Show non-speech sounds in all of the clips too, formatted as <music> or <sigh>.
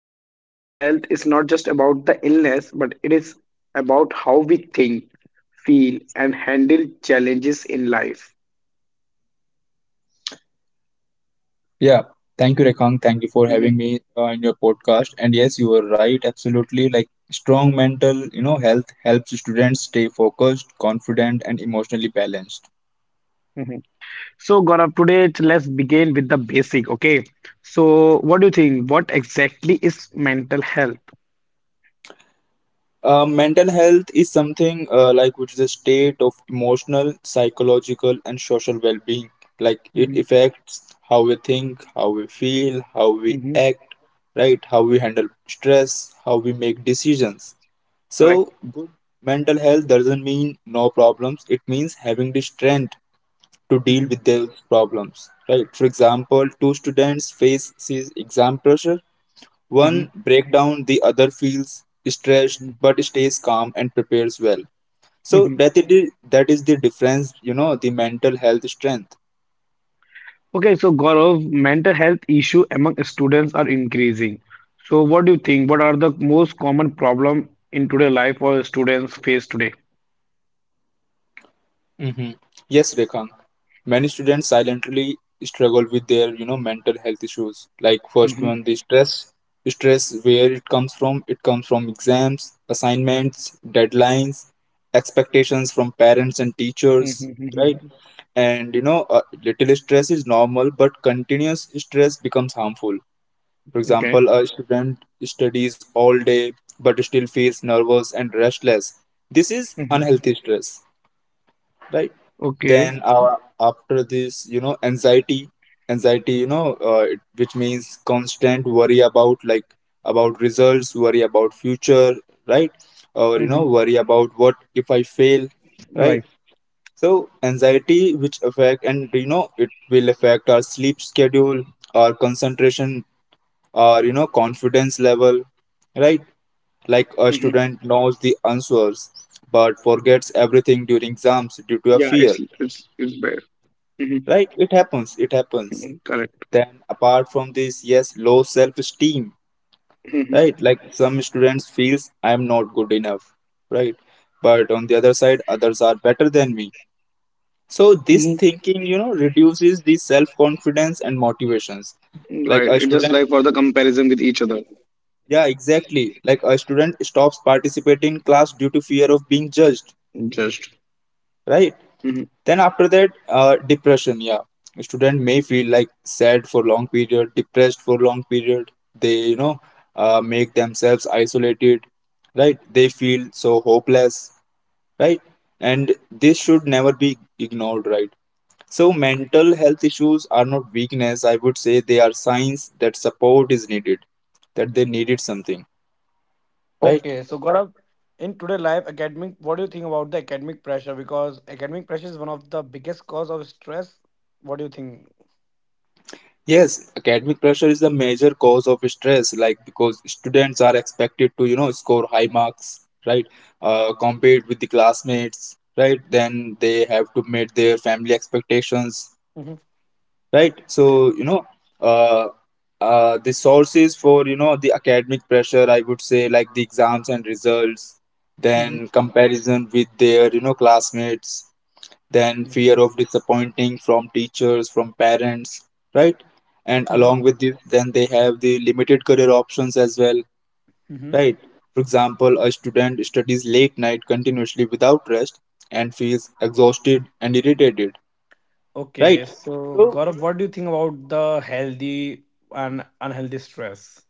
mentally health is not just about the illness, but it is about how we think, feel, and handle challenges in life. Yeah, thank you, Rekang. Thank you for Mhm. having me in your podcast. And yes, you are right. Absolutely, like strong mental, you know, health helps students stay focused, confident, and emotionally balanced. So, Gaurav, today let's begin with the basic, okay? So, what do you think? What exactly is mental health? Mental health is something like which is a state of emotional, psychological, and social well-being. Like it Hmm. affects how we think, how we feel, how we Hmm. act, right? How we handle stress, how we make decisions. So, Correct. good mental health doesn't mean no problems. It means having the strength to deal Hmm. with those problems, right? For example, two students face this exam pressure. Hmm. One breakdown, the other feels stressed but stays calm and prepares well. So Hmm. That is the difference, you know, the mental health strength. Okay, so Gaurav, mental health issue among students are increasing. So, what do you think? What are the most common problem in today life or students face today? hmm Yes, Rekha. Many students silently struggle with their, you know, mental health issues. Like first Hmm. one, the stress. Stress, where it comes from? It comes from exams, assignments, deadlines, expectations from parents and teachers, right? Hmm. And you know, a little stress is normal, but continuous stress becomes harmful. For Okay. example, a student studies all day but still feels nervous and restless. This is Hmm. unhealthy stress, right? Okay. Then after this, you know, anxiety. Anxiety, which means constant worry about, like about results, worry about future, right? Or you Hmm. know, worry about what if I fail, right? Right. So anxiety which affect, and you know, it will affect our sleep schedule, our concentration, our you know confidence level, right? Like a Hmm. student knows the answers but forgets everything during exams due to a Yeah, fear, it's bad. Hmm. right? It happens. Correct. Then apart from this, yes, low self esteem, Hmm. right? Like some students feels I am not good enough, right? But on the other side, others are better than me. So this thinking, you know, reduces the self confidence and motivations. Like Right. a Just student, like for the comparison with each other. yeah exactly, like a student stops participating in class due to fear of being judged, Just. right? Hmm. Then after that, depression. Yeah, a student may feel like sad for long period, depressed for long period. They you know, make themselves isolated, right? They feel so hopeless, right? And this should never be ignored, right? So mental health issues are not weakness. I would say they are signs that support is needed, that they needed something, right? Okay, so Gaurav, in today life, academic, what do you think about the academic pressure? Because academic pressure is one of the biggest cause of stress. What do you think? Yes, academic pressure is the major cause of stress, like because students are expected to, you know, score high marks, right? Compete with the classmates, right? Then they have to meet their family expectations, Mhm, right? So, you know, uh, the sources for, you know, the academic pressure, I would say, like the exams and results, then mhm, comparison with their, you know, classmates, then fear of disappointing from teachers, from parents, right? And along mhm, with this, then they have the limited career options as well, mhm. right? For example, a student studies late night continuously without rest and feels exhausted and irritated, right? Okay, so So, Gaurav, what do you think about the healthy and unhealthy stress?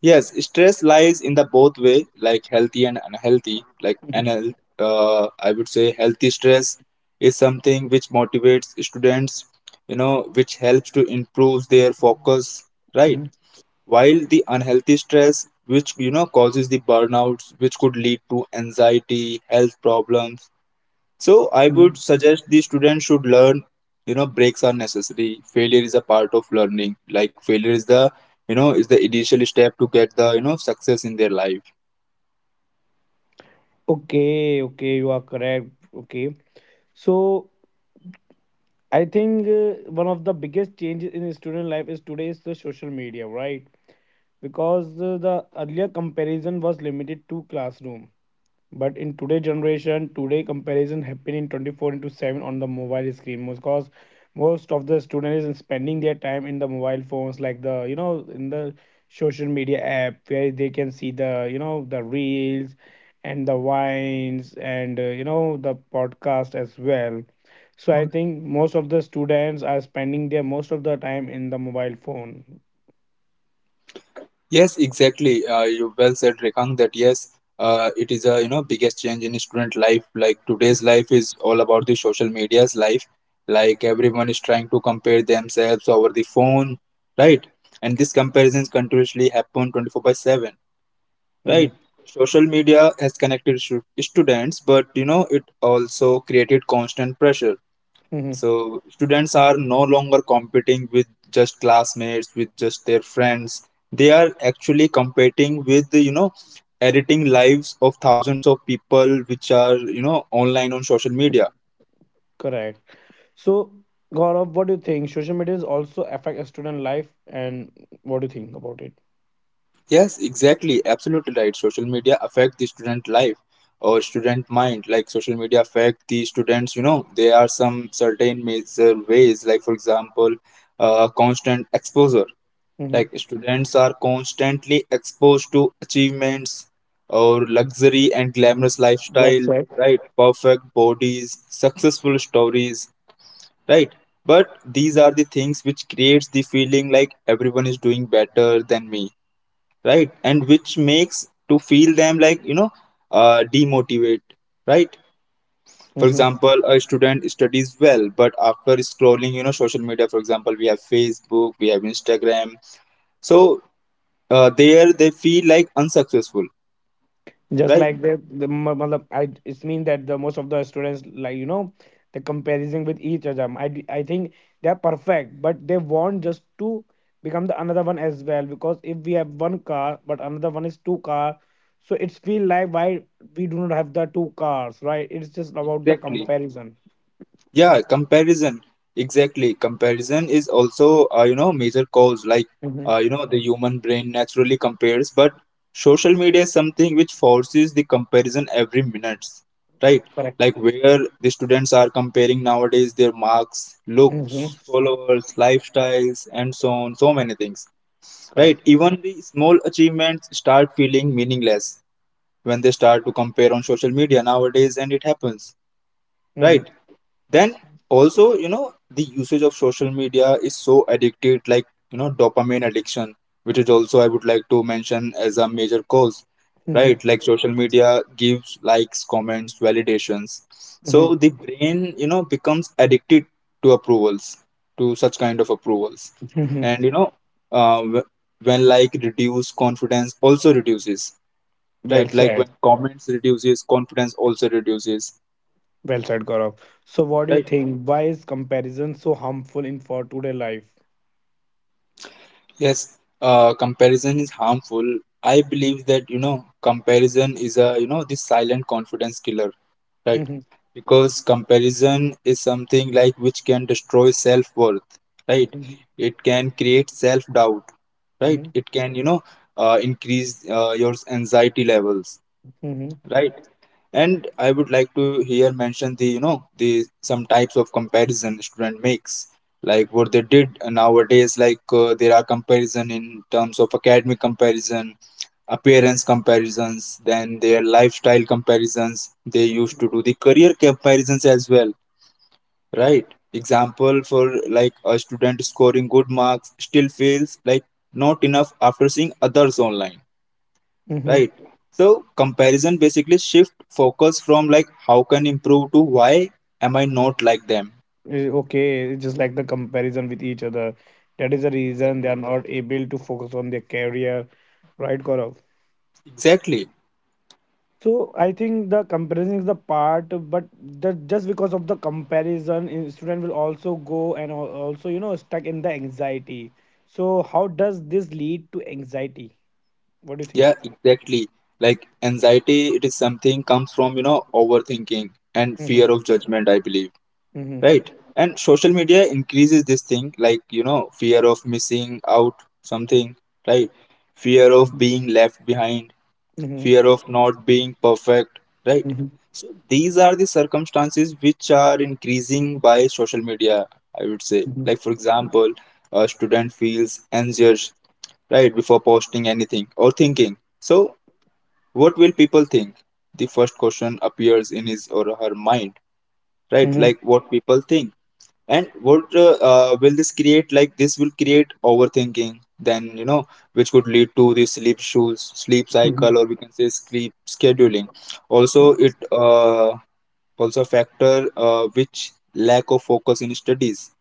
yes, stress lies in the both way, like healthy and unhealthy. I would say healthy stress is something which motivates students, you know, which helps to improve their focus, right? Mhm, While the unhealthy stress, which you know causes the burnouts, which could lead to anxiety, health problems, so I would mhm. suggest the student should learn, you know, breaks are necessary. Failure is a part of learning. Like failure is the, you know, is the initial step to get the, you know, success in their life. Okay, okay, you are correct. Okay. So I think one of the biggest changes in student life is today is the social media, right? Because the earlier comparison was limited to classroom, but in today generation today comparison happen in 24 into 7 on the mobile screen, because most of the students is spending their time in the mobile phones, like the in the social media app, where they can see the the reels and the wines and the podcast as well. So I think most of the students are spending their most of the time in the mobile phone. Yes, exactly. You well said, Rekang, that yes, it is a, you know, biggest change in student life. Like today's life is all about the social media's life. Like everyone is trying to compare themselves over the phone, right? And these comparisons continuously happen 24/7. Right. Mhm. Social media has connected stu- students, but you know, it also created constant pressure. Mhm. So, students are no longer competing with just classmates, with just their friends. They are actually competing with, you know, editing lives of thousands of people which are, you know, online on social media. Correct. So, Gaurav, what do you think? Social media is also affect a student life, and what do you think about it? Yes, exactly. Absolutely right. Social media affect the student life or student mind. Like social media affect the students. You know, there are some certain major ways. Like for example, constant exposure. Mm-hmm. Like students are constantly exposed to achievements or luxury and glamorous Well lifestyle. said. Right, perfect bodies, successful stories. Right. But these are the things which creates the feeling like everyone is doing better than me, right? And which makes to feel them like you know, demotivate, right? For example, a student studies well but after scrolling, you know, social media, for example we have Facebook, we have Instagram. So, there they feel like unsuccessful, Just right? like the matlab, I it means that the most of the students like the comparison with each other. I think they are perfect, but they want just to become the another one as well, because if we have one car but another one is two car, so it's feel like why we do not have the two cars, right? It's just about the Exactly. comparison. Yeah, comparison. Exactly. Comparison is also, you know, major cause. Like, Hmm. You know, the human brain naturally compares, but social media is something which forces the comparison every minute, right? Correct. Like where the students are comparing nowadays their marks, Hmm. looks, followers, lifestyles, and so on, so many things, Correct. right? Even the small achievements start feeling meaningless when they start to compare on social media nowadays, and it happens, Hmm. right? Then also, you know, the usage of social media is so addicted, like you know, dopamine addiction, which is also I would like to mention as a major cause, Hmm. right? Like social media gives likes, comments, validations, so the brain, you know, becomes addicted to approvals, to such kind of approvals. Hmm. And you know, when like reduce confidence also reduces, Well right? Like when said. comments reduces, confidence also reduces, Well said, Gaurav. So, what do you right? think? Why is comparison so harmful in for today life? Yes, comparison is harmful. I believe that, you know, comparison is a, you know, this silent confidence killer, right? Mhm, Because comparison is something like which can destroy self-worth, right? mhm, It can create self-doubt, right? mhm, It can, you know, increase your anxiety levels, mhm, right? And I would like to here mention the, you know, the some types of comparison student makes, like what they did nowadays. Like there are comparison in terms of academic comparison, appearance comparisons, then their lifestyle comparisons, they used to do the career comparisons as well, right? Example for, like a student scoring good marks still feels like not enough after seeing others online, mhm. right? So comparison basically shift focus from like how can improve to why am I not like them. Eh, okay, it's just like the comparison with each other. That is the reason they are Exactly. not able to focus on their career, right, Gaurav? Exactly. So I think the comparison is the part, but that just because of the comparison, eh, student will also go and also stuck in the anxiety. So how does this lead to anxiety? What do you think? Yeah, exactly. Like anxiety, it is something comes from, you know, overthinking and Mm-hmm. fear of judgment, I believe, Mm-hmm. right? And social media increases this thing, like you know, fear of missing out something, right? Fear of being left behind, Mm-hmm. fear of not being perfect, right? Mm-hmm. So these are the circumstances which are increasing by social media, I would say. Mm-hmm. Like, for example, a student feels anxious, right, before posting anything or thinking. So, what will people think? The first question appears in his or her mind, right? Like what people think. And what will this create? Like this will create overthinking, then you know, which could lead to the sleep issues, sleep Mm-hmm. cycle, or we can say sleep scheduling. Also, Mm-hmm. it also a factor which lack of focus in studies.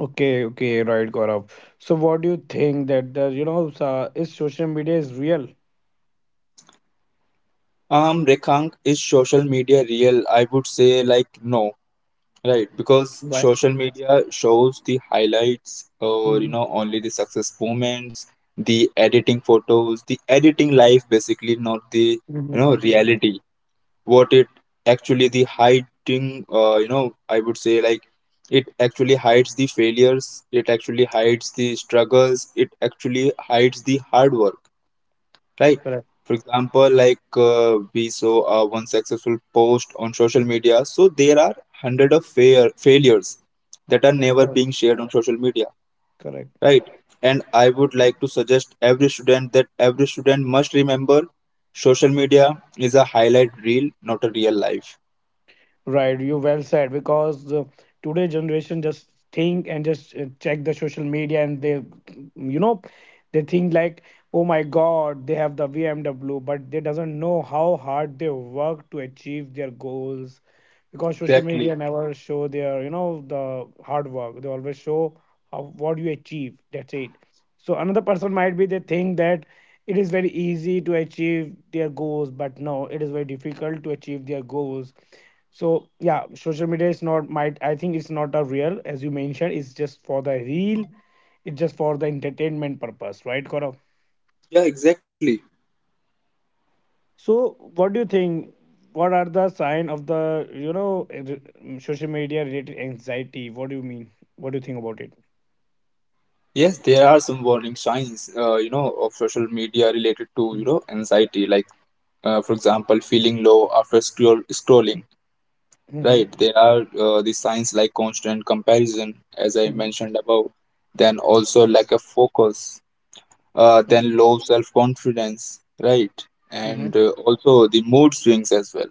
Okay, okay, right, Gaurav. So, what do you think that the so, is social media is real? Rekhang, is social media real? I would say like no. Right, because Yes. social media shows the highlights or you Mm-hmm. know only the success moments, the editing photos, the editing life, basically not the you know Mm-hmm. reality. What it actually the hiding, you know, I would say like it actually hides the failures, it actually hides the struggles, it actually hides the hard work, right? Correct. For example, like we saw one successful post on social media. So there are hundred of fair failures that are never Correct. being shared on social media, Correct. right? And I would like to suggest every student that every student must remember social media is a highlight reel, not a real life. Right, you well said, because today generation just think and just check the social media, and they you know they think like, oh my god, they have the BMW, but they doesn't know how hard they work to achieve their goals, because social Exactly. media never show their the hard work. They always show how what you achieve, that's it. So another person might be they think that it is very easy to achieve their goals, but no, it is very difficult to achieve their goals. So yeah, social media is not might, I think it's not a real as you mentioned. It's just for the real, it's just for the entertainment purpose, right, Gaurav? Yeah, exactly. So, what do you think? What are the sign of the social media related anxiety? What do you mean? What do you think about it? Yes, there are some warning signs, you know, of social media related to, you Mhm. know, anxiety, like, for example, feeling low after scrolling. Right, Mhm. there are the signs like constant comparison, as I mentioned above, then also lack of focus, then low self-confidence, right, Mhm. and also the mood swings as well.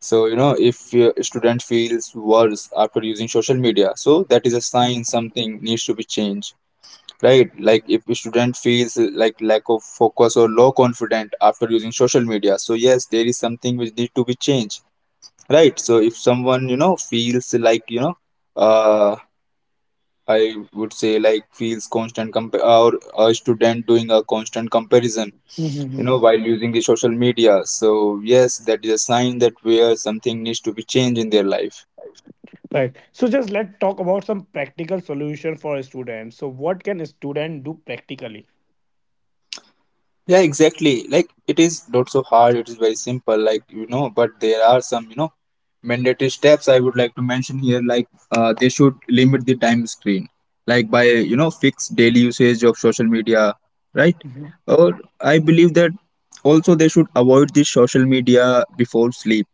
So, you know, if a student feels worse after using social media, so that is a sign something needs to be changed, right? Like if a student feels like lack of focus or low confident after using social media, so yes, there is something which need to be changed. Right. So if someone, you know, feels like, you know, uh, I would say like feels constant comp or a student doing a constant comparison, you Mhm. know, while using the social media. So yes, that is a sign that where something needs to be changed in their life. Right. So just let's talk about some practical solution for students. So what can a student do practically? Yeah, exactly. Like it is not so hard, it is very simple, like, but there are some mandatory steps I would like to mention here, like they should limit the time screen, like by, you know, fixed daily usage of social media, right? Mhm. Or I believe that also they should avoid the social media before sleep.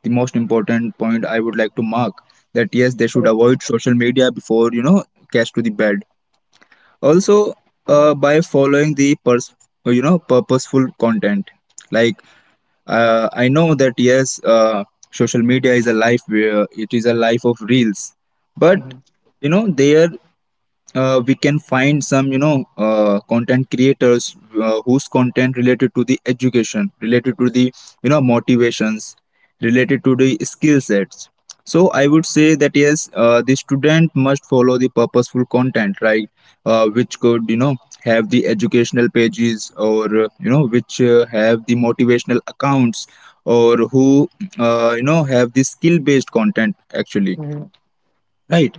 The most important point I would like to mark that yes, they should avoid Correct. social media before catch to the bed also, by following the you know purposeful content, like I know that yes, social media is a life where it is a life of reels, but Mhm. you know there, we can find some, you know, content creators, whose content related to the education, related to the you know motivations, related to the skill sets. So I would say that yes, the student must follow the purposeful content, right? Which could, you know, have the educational pages, or you know which, have the motivational accounts, or who, you know have the skill based content actually, Mhm. right?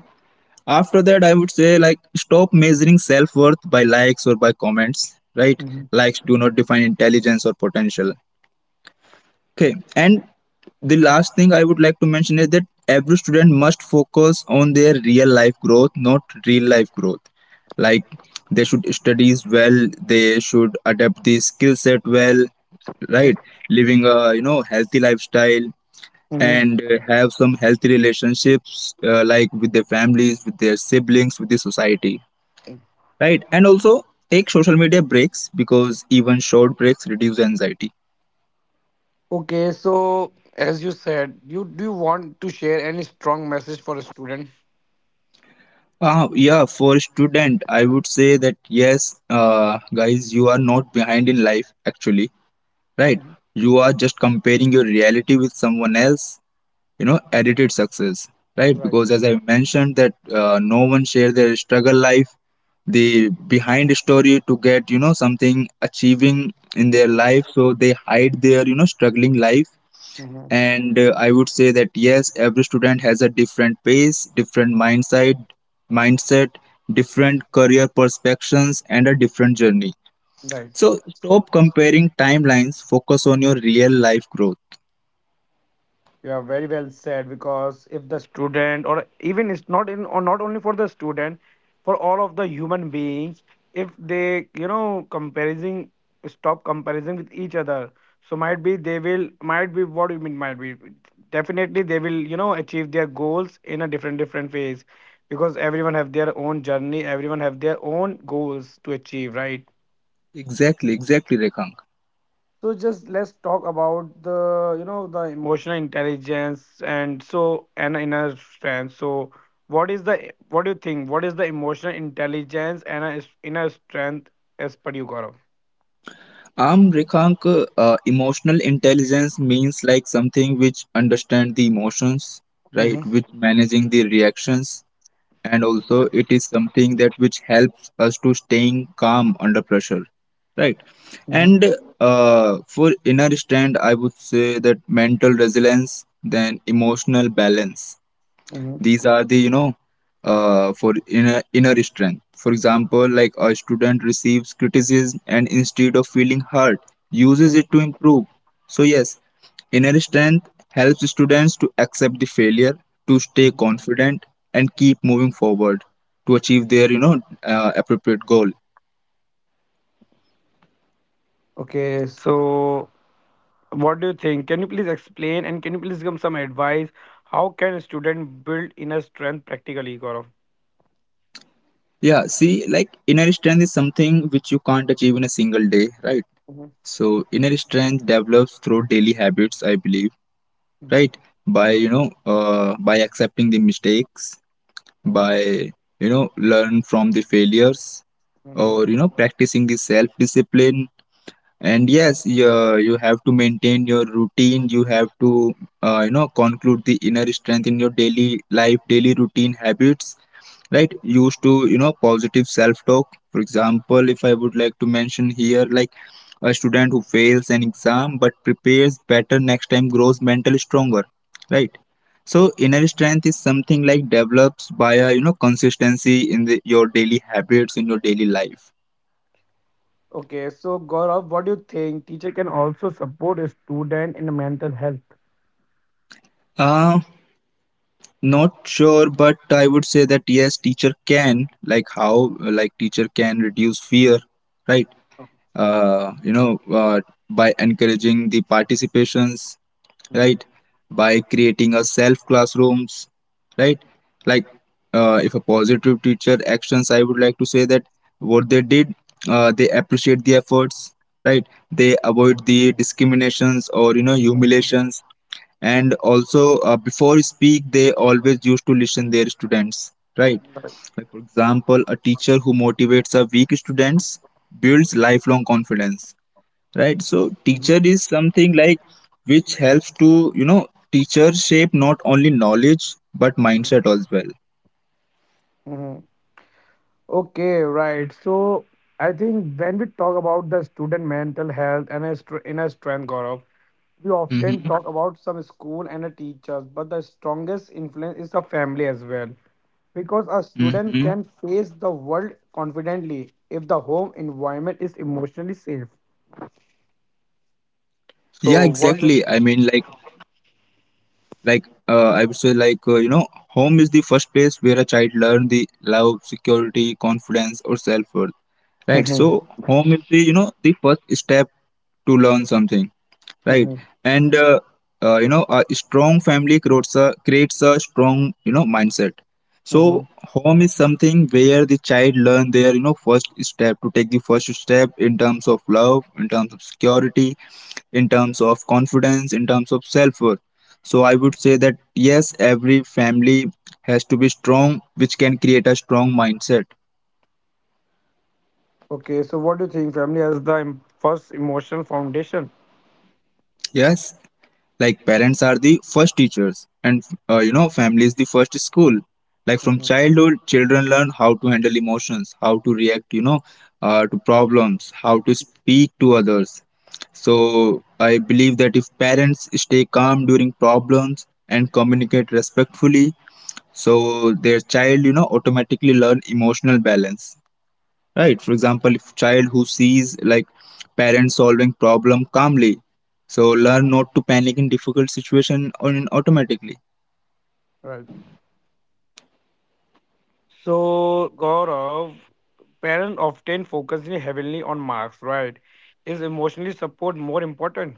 After that I would say like stop measuring self-worth by likes or by comments, right? Mhm. Likes do not define intelligence or potential. Okay, and the last thing I would like to mention is that every student must focus on their real life growth, not real life growth. Like they should studies well, they should adapt the skill set well, right? Mhm. Living a you know healthy lifestyle, Mhm. and have some healthy relationships, like with their families, with their siblings, with the society, right? And also take social media breaks, because even short breaks reduce anxiety. Okay, so as you said, you do you want to share any strong message for a student? Yeah, for student I would say that yes, guys, you are not behind in life, actually, right? Mhm. You are just comparing your reality with someone else, you know, edited success, right? Right. Because as I mentioned that, no one share their struggle life, the Mhm. behind story to get you know something achieving in With their their life, goals. so they hide their you know struggling life. Mhm. And I would say that yes, every student has a different pace, different mindset, different career perspectives, and a different journey. Right. So stop comparing timelines, focus on your real life growth. Yeah, very well said. Because if the student, or even it's not in, or not only for the student, for all of the human beings, if they, comparing, stop comparing with each other. So might be they will, might be what you mean, might be definitely they will, achieve their goals in a different different ways, because everyone have their own journey, everyone have their own goals to achieve, right? Exactly, Rekha. So just let's talk about the you know the emotional intelligence and so and inner strength. So what is the what do you think? What is the emotional intelligence and a inner strength as per you, Gaurav? Rekhank, emotional intelligence means like something which understand the emotions, right? Which Mm-hmm. managing the reactions, and also it is something that which helps us to staying calm under pressure, right? Mm-hmm. And for inner strength, I would say that mental resilience, then emotional balance, these are the you know, for inner strength. For example, like a student receives criticism, and instead of feeling hurt, uses it Mm-hmm. to improve. So yes, inner strength helps students to accept the failure, to stay Hmm. confident, and keep moving forward, to achieve their you know, appropriate goal. Okay, so what do you think? Can you please explain and can you please give some advice? How can a student build inner strength practically, Gaurav? Yeah, see, like inner strength is something which you can't achieve in a single day, right? So inner strength develops through daily habits, I believe, Mm-hmm. right? By you know, by accepting the mistakes, by Mm-hmm. you know learn from the failures, Mm-hmm. or you know practicing the self discipline. And yes you have to maintain your routine, you have to, you know, conclude the inner strength in your daily life, daily routine habits, right? Used to you know positive self talk. For example, if I would like to mention here, like a student who fails an exam but prepares better next time grows mentally stronger, right? So inner strength is something like develops by a you know consistency in your daily habits, in your daily life. Okay, so Gaurav, what do you think? Teacher can also support a student in mental health. uh Not sure, but I would say that yes, teacher can, like how, like teacher can reduce fear, right? uh, you know uh, by encouraging the participations, Mhm, right? By creating a self classrooms, right? Like if a positive teacher actions, I would like to say that what they did, they appreciate the efforts, right? They avoid the discriminations or you know mhm, humiliations, and also before speak they always used to listen their students, right? right, Like for example, a teacher who motivates a weak students builds lifelong confidence, right? So mhm, teacher is something like which helps to you know, teacher shape not only knowledge but mindset as well. mhm. Okay, right. So I think when we talk about the student mental health and a inner strength, Gaurav, we often Mm-hmm. talk about some school and a teachers, but the strongest influence is the family as well. Because a Mm-hmm. student can face the world confidently if the home environment is emotionally safe. Yeah, exactly, I So mean, what do you like think? like I would say like, you know, home is the first place where a child learn the love, security, confidence, or self-worth, right? So <laughs> home is the you know the first step to learn something, right? Mm-hmm. And you know, a strong family creates a strong you know mindset. So Mm-hmm. home is something where the child learn their you know first step, to take the first step in terms of love, in terms of security, in terms of confidence, in terms of self worth. So I would say that yes, every family has to be strong, which can create a strong mindset. Okay, so what do you think? Family as the first emotional foundation. Yes, like parents are the first teachers, and you know family is the first school. Like from Mm-hmm. childhood children learn how to handle emotions, how to react, you know, to problems, how to speak to others. So I believe that if parents stay calm during problems and communicate respectfully, so their child you know automatically learn emotional balance, right? For example, if child who sees like parents solving problem calmly, so learn not to panic in difficult situation on automatically. Right. So, Gaurav, parents often focus really heavily on marks, right? Is emotionally support more important?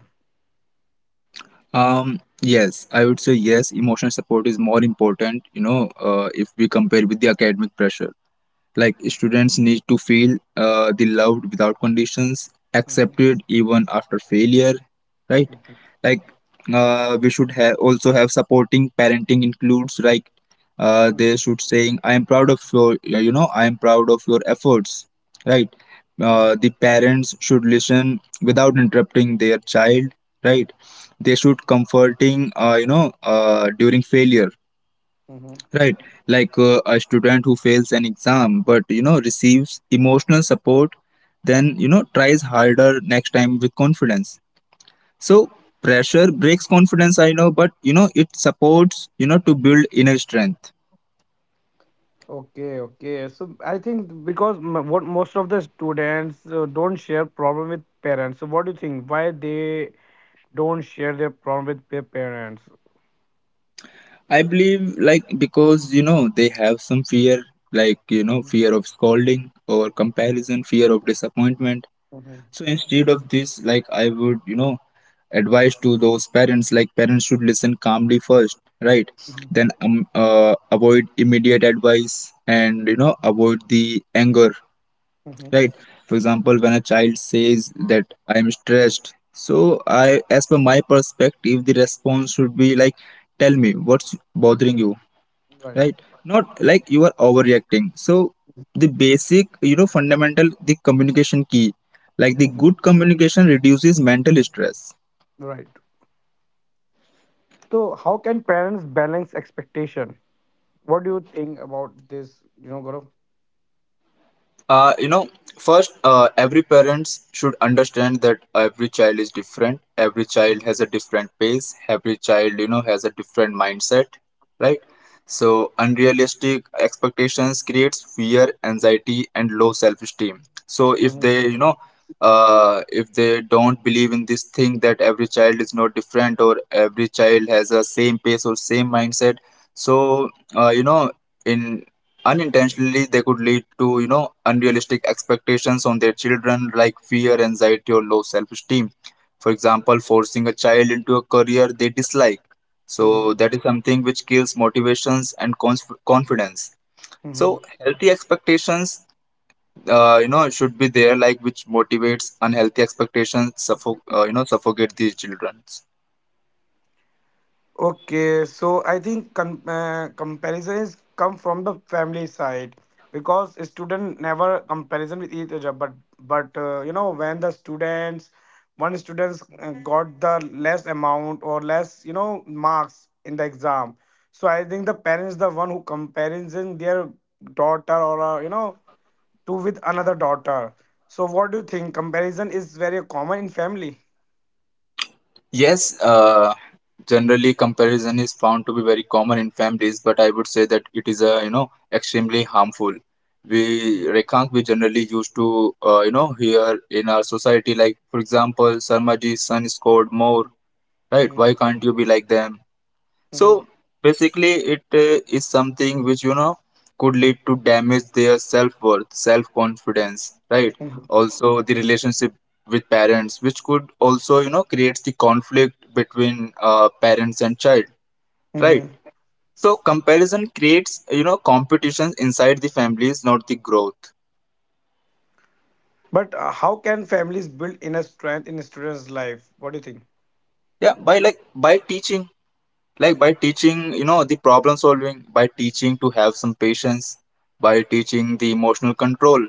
yes, I would say yes, emotional support is more important, you know, if we compare with the academic pressure. Like students need to feel, the loved without conditions, Mm-hmm. accepted even after failure, right? Mm-hmm. Like we should have also have supporting parenting includes, like Mm-hmm. they should saying I am proud of your, yeah, you know, I am proud of your efforts, right? Mm-hmm. The parents should listen without interrupting their child, right? They should comforting, during failure. Mm-hmm. Right, like a student who fails an exam but you know receives emotional support, then you know tries harder next time with confidence. So pressure breaks confidence, I know, but you know it supports you know to build inner strength. Okay, okay. So I think because what most of the students don't share problem with parents. So what do you think? Why they don't share their problem with their parents. I believe like because you know they have some fear, like you know Mhm, fear of scolding or comparison, fear of disappointment. mhm, So instead of this, like I would, you know, advise to those parents, like parents should listen calmly first, right? mhm, Then avoid immediate advice, and, you know, avoid the anger, mhm. right? For example, when a child says that I am stressed, so I, as per my perspective, the response should be like, tell me what's bothering you, Right. right? Not like you are overreacting. So the basic you know fundamental the communication key, like the Mhm. good communication reduces mental stress. Right. So, how can parents balance expectation? What do you think about this? Gaurav? You know, first, every parents should understand that every child is different. Every child has a different pace. Every child, you know, has a different mindset, right? So unrealistic expectations creates fear, anxiety, and low self-esteem. So if Mhm, they, you know, if they don't believe in this thing that every child is not different, or every child has a same pace or same mindset, so you know, in unintentionally they could lead to you know unrealistic expectations on their children, like fear, anxiety, or low self-esteem. For example, forcing a child into a career they dislike, so mhm, that is something which kills motivations and confidence. So mhm. healthy expectations, you know, should be there, like which motivates, unhealthy expectations you know suffocate these children. Okay, so I think comparisons come from the family side, because a student never comparison with each other. But when the students one students got the less amount or less marks in the exam, so I think the parents the one who comparison their daughter or to with another daughter. So what do you think? Comparison is very common in family. Yes, generally comparison is found to be very common in families, but I would say that it is a you know extremely harmful. We, Mhm, Rekhang, we generally used to, you know, hear in our society, like for example, Sarmaji's son scored more, right? Why can't you be like them? mhm, So basically, it is something which you know could lead to damage their self worth, self confidence, right? mhm, Also, the relationship with parents, which could also you know creates the conflict between, parents and child, right? mhm. So comparison creates you know competitions inside the families, not the growth. But how can families build inner strength in students' life? What do you think? Yeah, by like by teaching, you know, the problem solving, by teaching to have some patience, by teaching the emotional control,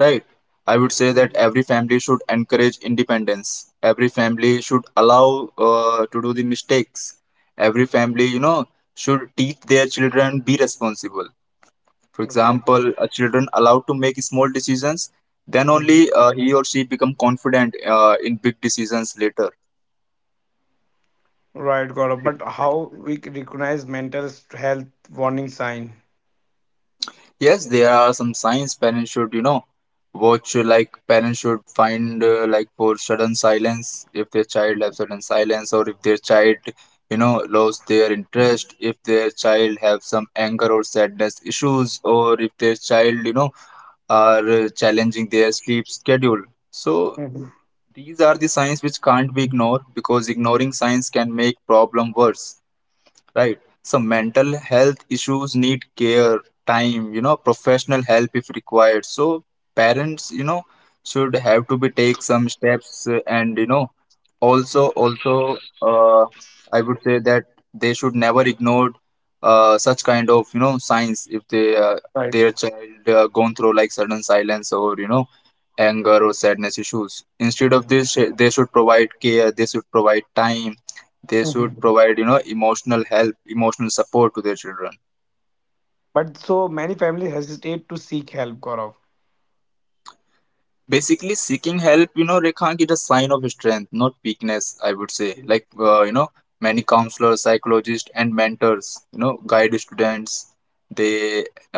right? I would say that Mhm. every family should encourage independence, every family should allow, to do the mistakes, every family you know should teach their children be responsible. For Okay. example, a children allowed to make small decisions, then only, Mhm. He or she become confident, in big decisions later. Right, Gaurav. But how we recognize mental health warning sign? Yes, there are some signs parents should, you know, watch, like parents should find, like for sudden silence, if their child have sudden silence, or if their child, you know, lost their interest, if their child have some anger or sadness issues, or if their child, you know, are, challenging their sleep schedule. So Mhm. these are the signs which can't be ignored, because ignoring signs can make problem worse, right? So mental health issues need care, time, you know, professional help if required. So parents, you know, should have to be take some steps, and you know, also, I would say that they should never ignore, such kind of you know signs, if they, Right. their child, gone through like sudden silence, or you know anger or sadness issues. Instead of this, they should provide care. They should provide time, they should Mhm. provide you know emotional help, emotional support to their children. But so many families hesitate to seek help, Gaurav. Basically seeking help, you know, Rekhang, is a sign of strength, not weakness. I would say like, you know, many counselors, psychologists, and mentors you know guide students. They,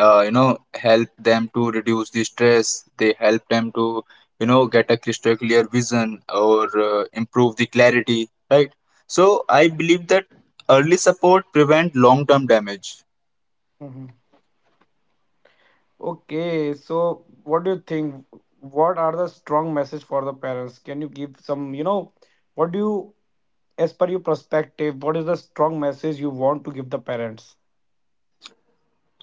you know, help them to reduce the stress, they help them to you know get a crystal clear vision, or improve the clarity, right? So I believe that early support prevent long term damage. Mhm. Okay, so what do you think? What are the strong message for the parents? Can you give some, what do you, as per your perspective, what is the strong message you want to give the parents?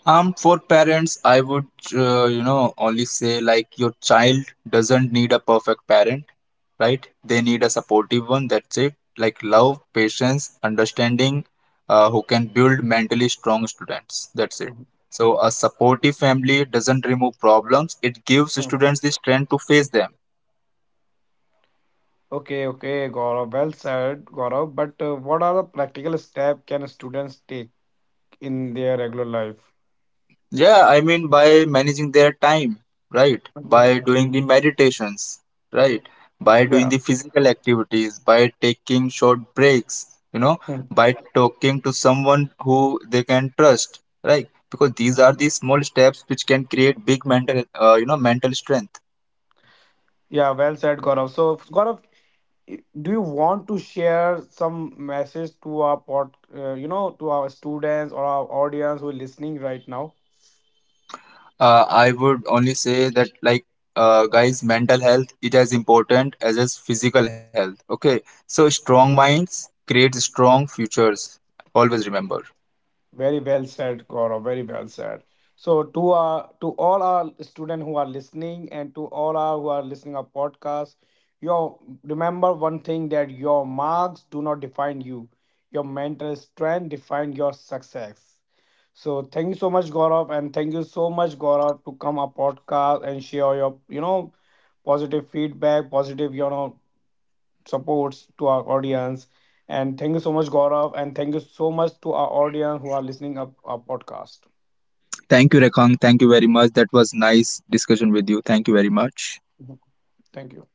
For parents, I would, you know, only say like your child doesn't need a perfect parent, right? They need a supportive one. That's it. Like love, patience, understanding, who can build mentally strong students. That's it. Mhm. So a supportive family doesn't remove problems. It gives Mm. students the strength to face them. Okay, okay, Gaurav, well said, Gaurav. But what are the practical steps can students take in their regular life? Yeah, I mean by managing their time, right? By Mhm. doing the meditations, right? By doing Yeah. the physical activities, by taking short breaks, you know, Mm. by talking to someone who they can trust, right? Because these are the small steps which can create big mental, you know, mental strength. Yeah, well said, Gaurav. So, Gaurav, do you want to share some message to our pod, you know to our students or our audience who are listening right now? I would only say that, like, guys, mental health is as important as is physical health. Okay, so strong minds create strong futures. Always remember. Very well said, Gaurav. Very well said. So to our to all our students who are listening and to all our who are listening our podcast, your remember one thing that your marks do not define you. Your mental strength define your success. So thank you so much, Gaurav, and thank you so much, Gaurav, to come our podcast and share your positive feedback, positive supports to our audience. And thank you so much, Gaurav, and thank you so much to our audience who are listening up our podcast. Thank you, Rekang. Thank you very much. That was nice discussion with you. Thank you very much. Mhm. Thank you.